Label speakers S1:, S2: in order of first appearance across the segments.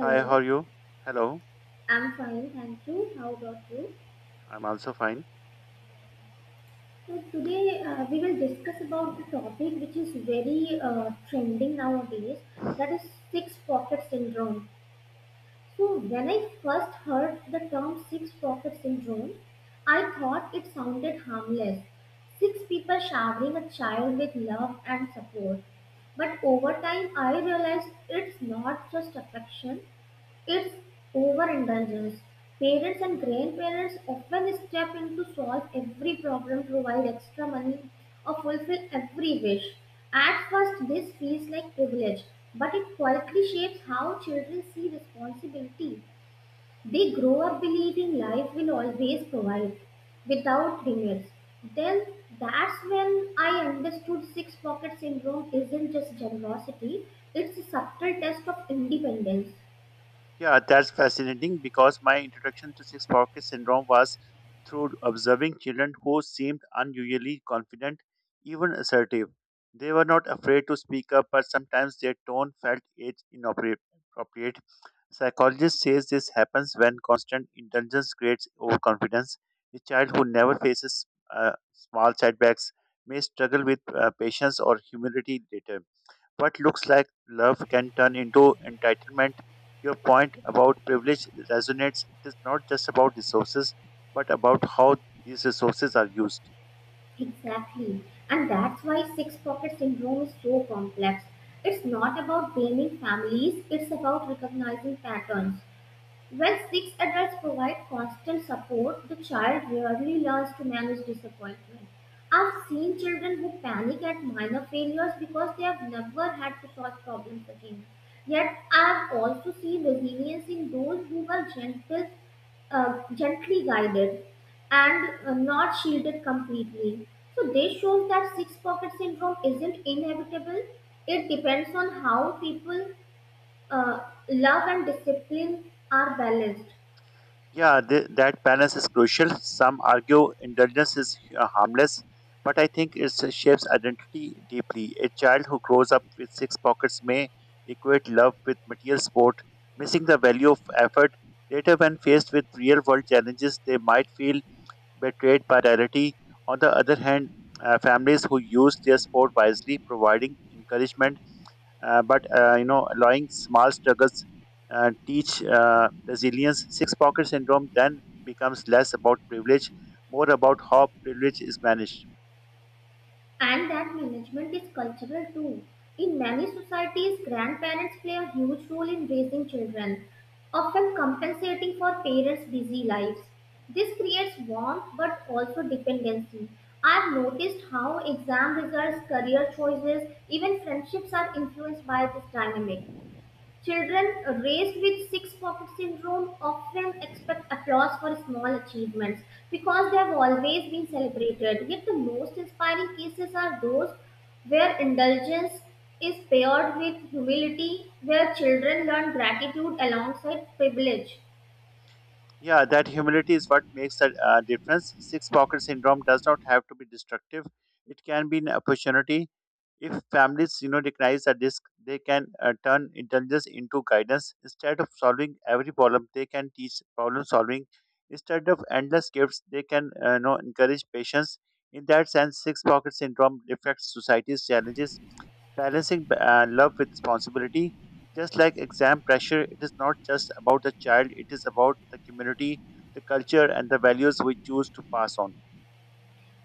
S1: Hi, how are you? Hello,
S2: I'm fine, thank you. How about you?
S1: I'm also fine.
S2: So today we will discuss about the topic which is very trending nowadays, that is six pocket syndrome. So when I first heard the term six pocket syndrome, I thought it sounded harmless. Six people showering a child with love and support. But over time, I realized it's not just affection, it's overindulgence. Parents and grandparents often step in to solve every problem, provide extra money, or fulfill every wish. At first, this feels like privilege, but it quietly shapes how children see responsibility. They grow up believing life will always provide without limits. Then that's when I understood six pocket syndrome isn't just generosity, it's a subtle test of independence.
S1: Yeah, that's fascinating because my introduction to six pocket syndrome was through observing children who seemed unusually confident, even assertive. They were not afraid to speak up, but sometimes their tone felt age inappropriate. Psychologist says this happens when constant indulgence creates overconfidence. A child who never faces small setbacks may struggle with patience or humility later. What looks like love can turn into entitlement. Your point about privilege resonates. It is not just about resources, but about how these resources are used.
S2: Exactly. And that's why six pocket syndrome is so complex. It's not about blaming families, it's about recognizing patterns. When six adults provide constant support, the child rarely learns to manage disappointment. I've seen children who panic at minor failures because they have never had to solve problems again. Yet, I've also seen resilience in those who were gentle, gently guided and not shielded completely. So, this shows that six pocket syndrome isn't inevitable. It depends on how people uh, love and discipline are balanced.
S1: Yeah, that balance is crucial. Some argue indulgence is harmless, but I think it shapes identity deeply. A child who grows up with six pockets may equate love with material sport, missing the value of effort. Later, when faced with real world challenges, they might feel betrayed by reality. On the other hand, families who use their sport wisely, providing encouragement, but allowing small struggles, teach resilience. Six pocket syndrome then becomes less about privilege, more about how privilege is managed.
S2: And that management is cultural too. In many societies, grandparents play a huge role in raising children, often compensating for parents' busy lives. This creates warmth but also dependency. I've noticed how exam results, career choices, even friendships are influenced by this dynamic. Children raised with six pocket syndrome often expect applause for small achievements because they have always been celebrated. Yet, the most inspiring cases are those where indulgence is paired with humility, where children learn gratitude alongside privilege.
S1: Yeah, that humility is what makes the difference. Six pocket syndrome does not have to be destructive. It can be an opportunity. If families, you know, recognize the risk, they can turn intelligence into guidance. Instead of solving every problem, they can teach problem solving. Instead of endless gifts, they can, encourage patience. In that sense, six pocket syndrome reflects society's challenges, balancing love with responsibility. Just like exam pressure, it is not just about the child, it is about the community, the culture, and the values we choose to pass on.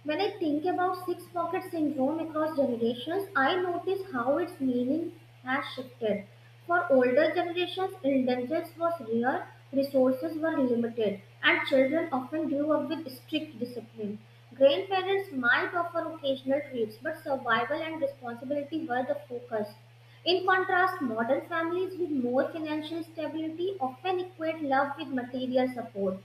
S2: When I think about six pocket syndrome across generations, I notice how its meaning has shifted. For older generations, indulgence was rare, resources were limited, and children often grew up with strict discipline. Grandparents might offer occasional treats, but survival and responsibility were the focus. In contrast, modern families with more financial stability often equate love with material support.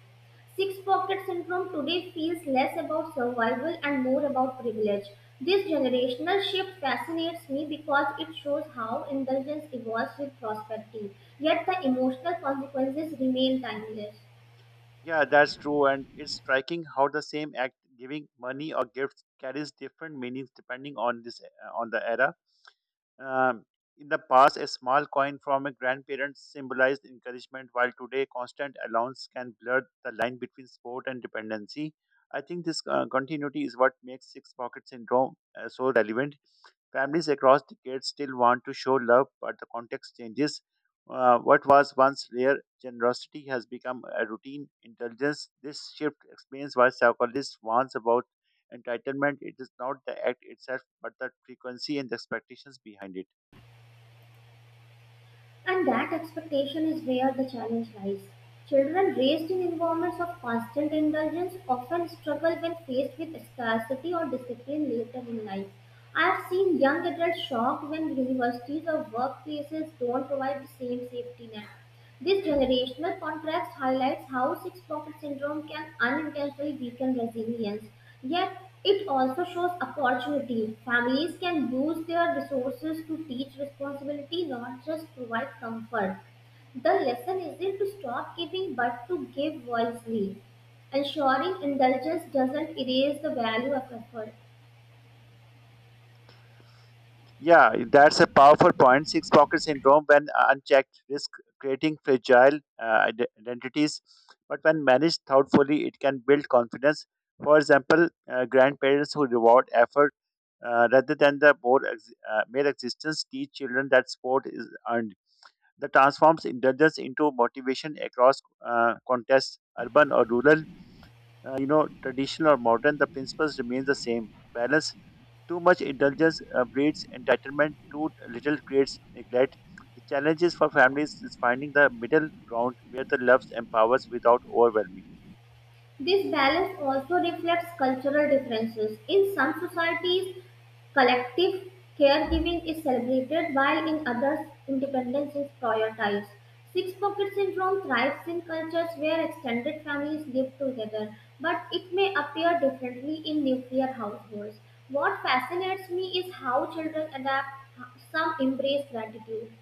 S2: Six pocket syndrome today feels less about survival and more about privilege. This generational shift fascinates me because it shows how indulgence evolves with prosperity, yet the emotional consequences remain timeless.
S1: Yeah, that's true. And it's striking how the same act, giving money or gifts, carries different meanings depending on this on the era. Um, in the past, a small coin from a grandparent symbolized encouragement, while today, constant allowance can blur the line between sport and dependency. I think this continuity is what makes six pocket syndrome so relevant. Families across decades still want to show love, but the context changes. What was once rare generosity has become a routine indulgence. This shift explains why psychologists warns about entitlement. It is not the act itself, but the frequency and the expectations behind it.
S2: And that expectation is where the challenge lies. Children raised in environments of constant indulgence often struggle when faced with scarcity or discipline later in life. I have seen young adults shocked when universities or workplaces don't provide the same safety net. This generational contrast highlights how six pocket syndrome can unintentionally weaken resilience, yet it also shows opportunity. Families can use their resources to teach responsibility, not just provide comfort. The lesson isn't to stop giving but to give wisely, ensuring indulgence doesn't erase the value of effort.
S1: Yeah, that's a powerful point. Six pocket syndrome, when unchecked, risk creating fragile identities. But when managed thoughtfully, it can build confidence. For example, grandparents who reward effort rather than the mere existence teach children that sport is earned. That transforms indulgence into motivation across contests, urban or rural, traditional or modern. The principles remain the same: balance, too much indulgence breeds entitlement, too little creates neglect. The challenge is for families is finding the middle ground where the love empowers without overwhelming.
S2: This balance also reflects cultural differences. In some societies, collective caregiving is celebrated, while in others, independence is prioritized. Six pocket syndrome thrives in cultures where extended families live together, but it may appear differently in nuclear households. What fascinates me is how children adapt, some embrace gratitude,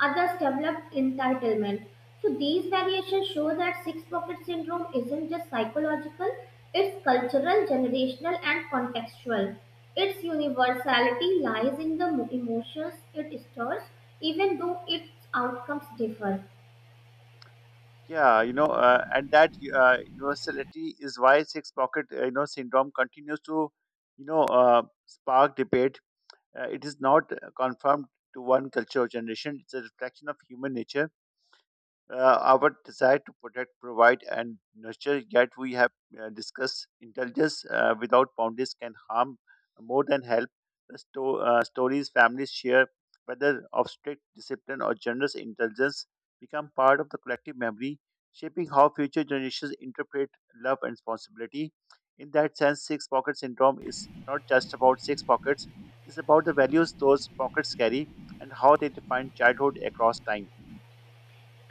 S2: others develop entitlement. So these variations show that six pocket syndrome isn't just psychological, it's cultural, generational, and contextual. Its universality lies in the emotions it stirs, even though its outcomes differ.
S1: Yeah, you know, and that universality is why six pocket syndrome continues to spark debate. It is not confirmed to one culture or generation; it's a reflection of human nature, our desire to protect, provide, and nurture. Yet we have discussed intelligence without boundaries can harm more than help. The stories families share, whether of strict discipline or generous intelligence, become part of the collective memory, shaping how future generations interpret love and responsibility. In that sense, six pocket syndrome is not just about six pockets; it's about the values those pockets carry and how they define childhood across time.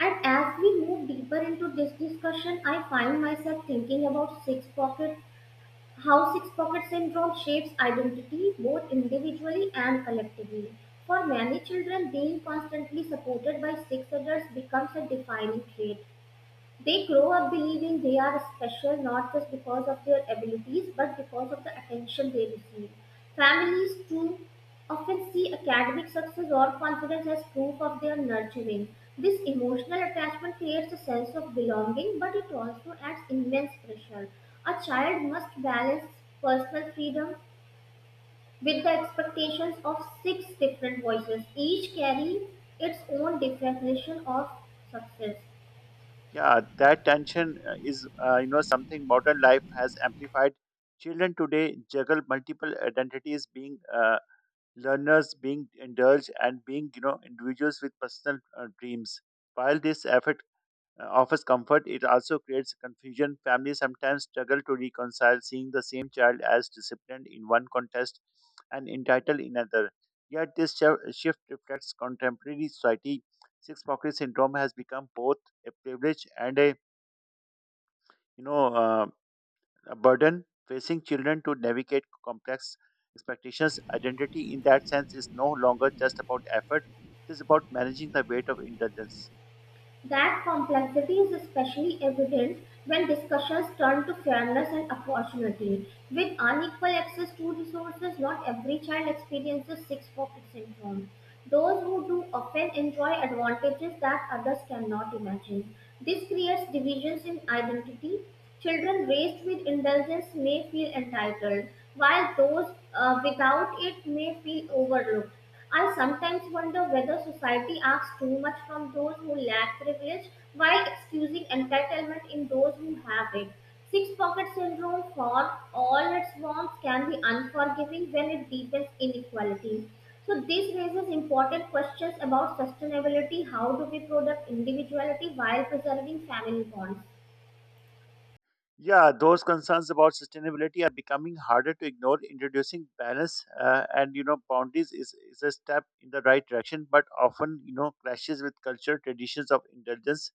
S2: And as we move deeper into this discussion, I find myself thinking about six pocket how six pocket syndrome shapes identity both individually and collectively. For many children, being constantly supported by six adults becomes a defining trait. They grow up believing they are special, not just because of their abilities but because of the attention they receive. Families too often see academic success or confidence as proof of their nurturing. This emotional attachment creates a sense of belonging, but it also adds immense pressure. A child must balance personal freedom with the expectations of six different voices, each carrying its own definition of success.
S1: Yeah, that tension is something modern life has amplified. Children today juggle multiple identities, being learners, being indulged, and being, you know, individuals with personal dreams. While this effort offers comfort, it also creates confusion. Families sometimes struggle to reconcile seeing the same child as disciplined in one context and entitled in another. Yet this shift reflects contemporary society. Six pocket syndrome has become both a privilege and a you know a burden facing children to navigate complex expectations. Identity in that sense is no longer just about effort. It is about managing the weight of indulgence.
S2: That complexity is especially evident when discussions turn to fairness and opportunity. With unequal access to resources, not every child experiences six pocket syndrome. Those who do often enjoy advantages that others cannot imagine. This creates divisions in identity. Children raised with indulgence may feel entitled, while those without it may feel overlooked. I sometimes wonder whether society asks too much from those who lack privilege while excusing entitlement in those who have it. Six pocket syndrome, for all its warmth, can be unforgiving when it deepens inequality. So, this raises important questions about sustainability. How do we protect individuality while preserving family bonds?
S1: Yeah, those concerns about sustainability are becoming harder to ignore. Introducing balance and boundaries is a step in the right direction, but often clashes with cultural traditions of indulgence.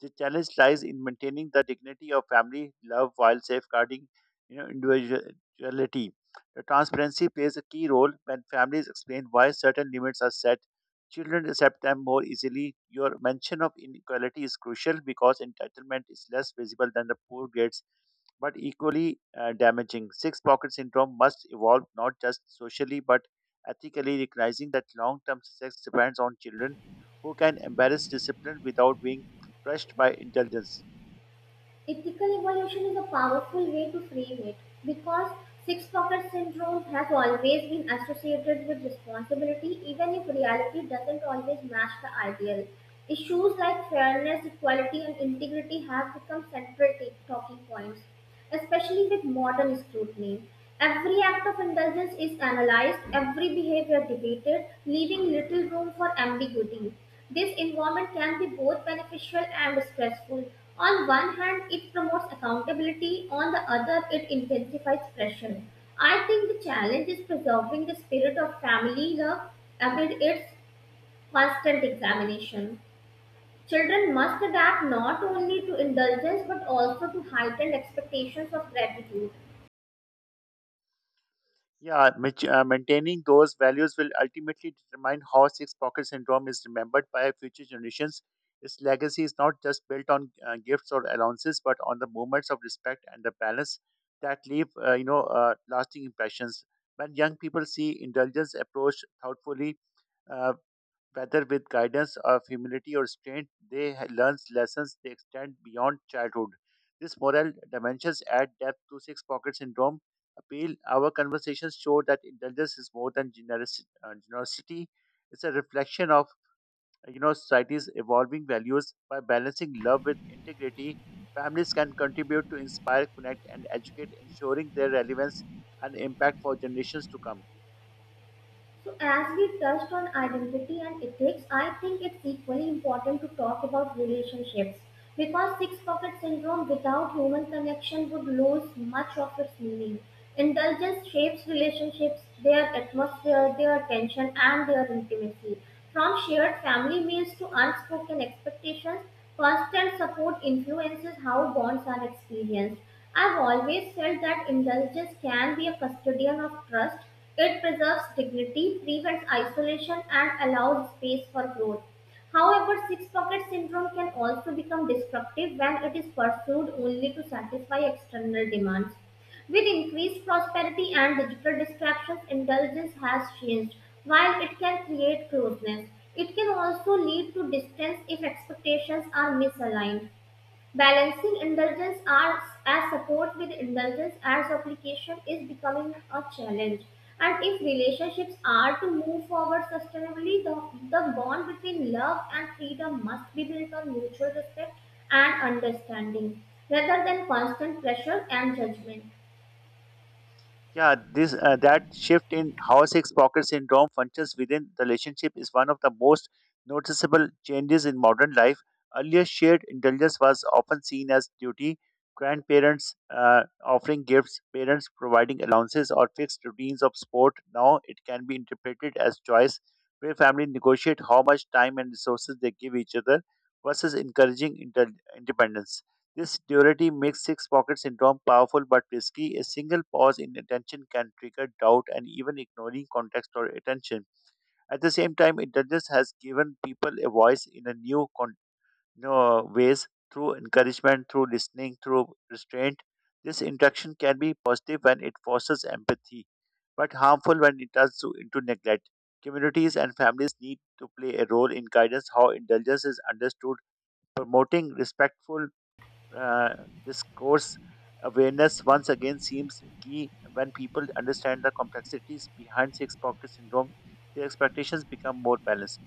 S1: The challenge lies in maintaining the dignity of family love while safeguarding individuality. The transparency plays a key role. When families explain why certain limits are set, children accept them more easily. Your mention of inequality is crucial because entitlement is less visible than the poor grades, but equally damaging. Six pocket syndrome must evolve not just socially but ethically, recognizing that long term success depends on children who can embrace discipline without being crushed by indulgence.
S2: Ethical evolution is a powerful way to frame it because six pocket syndrome has always been associated with responsibility, even if reality doesn't always match the ideal. Issues like fairness, equality, and integrity have become central talking points, especially with modern scrutiny. Every act of indulgence is analyzed, every behavior debated, leaving little room for ambiguity. This environment can be both beneficial and stressful. On one hand, it promotes accountability; on the other, it intensifies pressure. I think the challenge is preserving the spirit of family love amid its constant examination. Children must adapt not only to indulgence but also to heightened expectations of gratitude.
S1: Yeah, maintaining those values will ultimately determine how Six Pocket Syndrome is remembered by future generations. Its legacy is not just built on gifts or allowances, but on the moments of respect and the balance that leave, lasting impressions. When young people see indulgence approached thoughtfully, uh, whether with guidance of humility or strength, they learn lessons they extend beyond childhood. These moral dimensions add depth to Six Pocket Syndrome. Appeal our conversations show that indulgence is more than generosity. It's a reflection of society's evolving values by balancing love with integrity. Families can contribute to inspire, connect, and educate, ensuring their relevance and impact for generations to come.
S2: So, as we touched on identity and ethics, I think it's equally important to talk about relationships, because six pocket syndrome without human connection would lose much of its meaning. Indulgence shapes relationships, their atmosphere, their tension, and their intimacy. From shared family meals to unspoken expectations, constant support influences how bonds are experienced. I've always felt that indulgence can be a custodian of trust. It preserves dignity, prevents isolation, and allows space for growth. However, six pocket syndrome can also become destructive when it is pursued only to satisfy external demands. With increased prosperity and digital distractions, indulgence has changed. While it can create closeness, it can also lead to distance if expectations are misaligned. Balancing indulgence as support with indulgence as obligation is becoming a challenge. And if relationships are to move forward sustainably, the bond between love and freedom must be built on mutual respect and understanding rather than constant pressure and judgment.
S1: Yeah, this that shift in how six pocket syndrome functions within the relationship is one of the most noticeable changes in modern life. Earlier, shared indulgence was often seen as duty. Grandparents offering gifts, parents providing allowances, or fixed routines of sport. Now, it can be interpreted as choice, where families negotiate how much time and resources they give each other versus encouraging independence. This duality makes six pocket syndrome powerful but risky. A single pause in attention can trigger doubt and even ignoring context or attention. At the same time, intelligence has given people a voice in a new con- no, ways through encouragement, through listening, through restraint. This interaction can be positive when it fosters empathy, but harmful when it turns into neglect. Communities and families need to play a role in guidance how intelligence is understood, promoting respectful, uh, this course awareness. Once again seems key when people understand the complexities behind six pocket syndrome, their expectations become more balanced.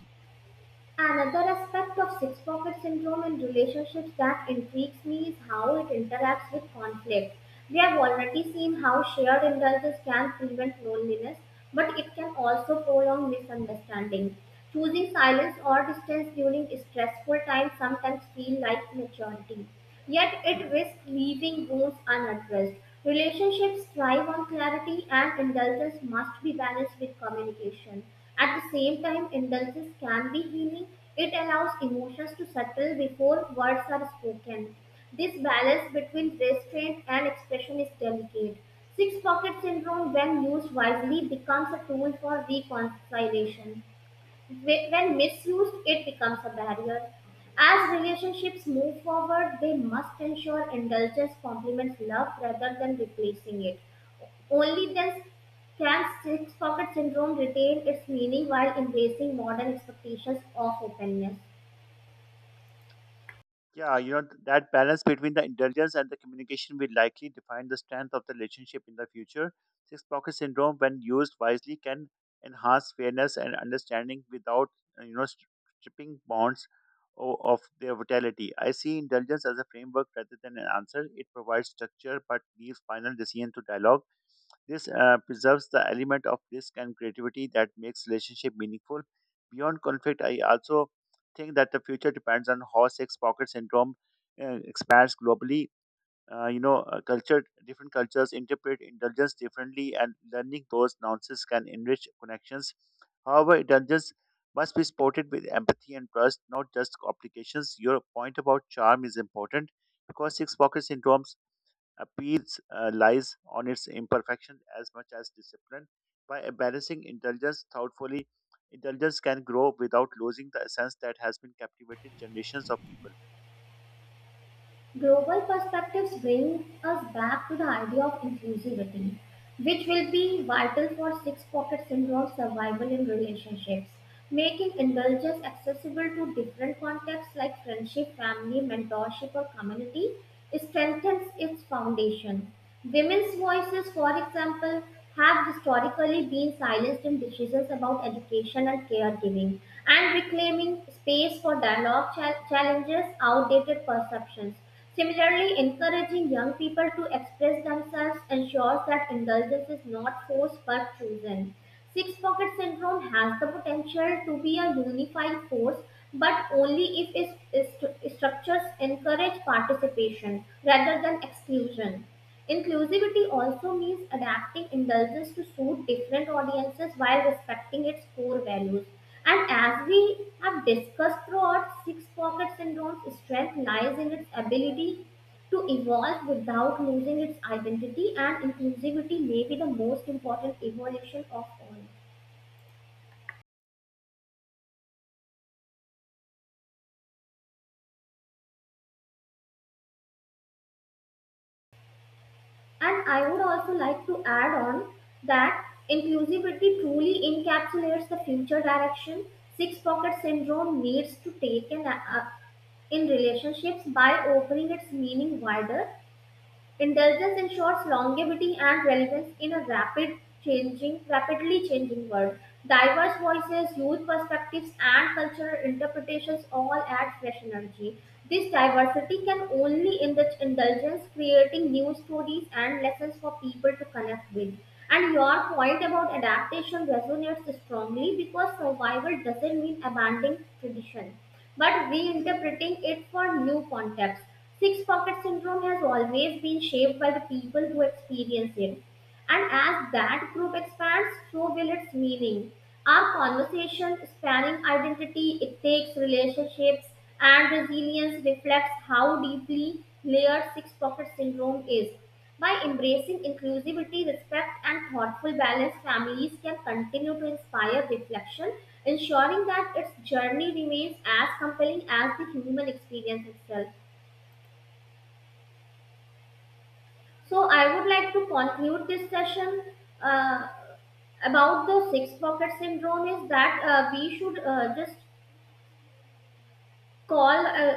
S2: Another aspect of six pocket syndrome in relationships that intrigues me is how it interacts with conflict. We have already seen how shared indulgences can prevent loneliness, but it can also prolong misunderstanding. Choosing silence or distance during stressful times sometimes feels like maturity, yet it risks leaving wounds unaddressed. Relationships thrive on clarity, and indulgence must be balanced with communication. At the same time, indulgence can be healing. It allows emotions to settle before words are spoken. This balance between restraint and expression is delicate. Six pocket syndrome, when used wisely, becomes a tool for reconciliation. Wh- When misused, it becomes a barrier. As relationships move forward, they must ensure indulgence complements love rather than replacing it. Only then can six pocket syndrome retain its meaning while embracing modern expectations of openness.
S1: Yeah, that balance between the intelligence and the communication will likely define the strength of the relationship in the future. Six pocket syndrome, when used wisely, can enhance fairness and understanding without, uh, you know, stri- stripping bonds of their vitality. I see intelligence as a framework rather than an answer. It provides structure but leaves final decision to dialogue. This preserves the element of risk and creativity that makes relationship meaningful. Beyond conflict, I also think that the future depends on how six pocket syndrome expands globally. Different cultures interpret indulgence differently, and learning those nuances can enrich connections. However, indulgence must be supported with empathy and trust, not just obligations. Your point about charm is important because six pocket syndromes appeals lies on its imperfection as much as discipline. By embarrassing intelligence thoughtfully, intelligence can grow without losing the essence that has been captivated generations of people.
S2: Global perspectives bring us back to the idea of inclusivity, which will be vital for six pocket syndrome survival in relationships. Making indulgence accessible to different contexts like friendship, family, mentorship, or community strengthens its foundation. Women's voices, for example, have historically been silenced in decisions about education and caregiving, and reclaiming space for dialogue challenges outdated perceptions. Similarly, encouraging young people to express themselves ensures that indulgence is not forced but chosen. Six pocket syndrome has the potential to be a unifying force, but only if its structures encourage participation rather than exclusion. Inclusivity also means adapting indulgence to suit different audiences while respecting its core values. And as we have discussed throughout, Six Pocket Syndrome's strength lies in its ability to evolve without losing its identity, and inclusivity may be the most important evolution of all. And I would also like to add on that inclusivity truly encapsulates the future direction six pocket syndrome needs to take in relationships. By opening its meaning wider, intelligence ensures longevity and relevance in a rapidly changing world. Diverse voices, youth perspectives, and cultural interpretations all add fresh energy. This diversity can only enrich indulgence, creating new stories and lessons for people to connect with. And your point about adaptation resonates strongly because survival doesn't mean abandoning tradition, but reinterpreting it for new contexts. Six pocket syndrome has always been shaped by the people who experience it. And as that group expands, so will its meaning. Our conversation spanning identity, ethics, relationships, and resilience reflects how deeply layered six pocket syndrome is. By embracing inclusivity, respect, and thoughtful balance, families can continue to inspire reflection, ensuring that its journey remains as compelling as the human experience itself. So I would like to conclude this session uh, about the six pocket syndrome is that we should just call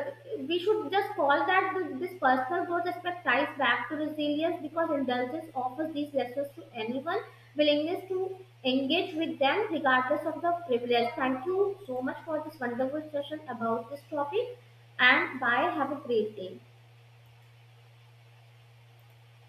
S2: we should just call that this personal growth aspect ties back to resilience because indulgence offers these lessons to anyone willingness to engage with them regardless of the privilege. Thank you so much for this wonderful session about this topic. And bye, have a great day.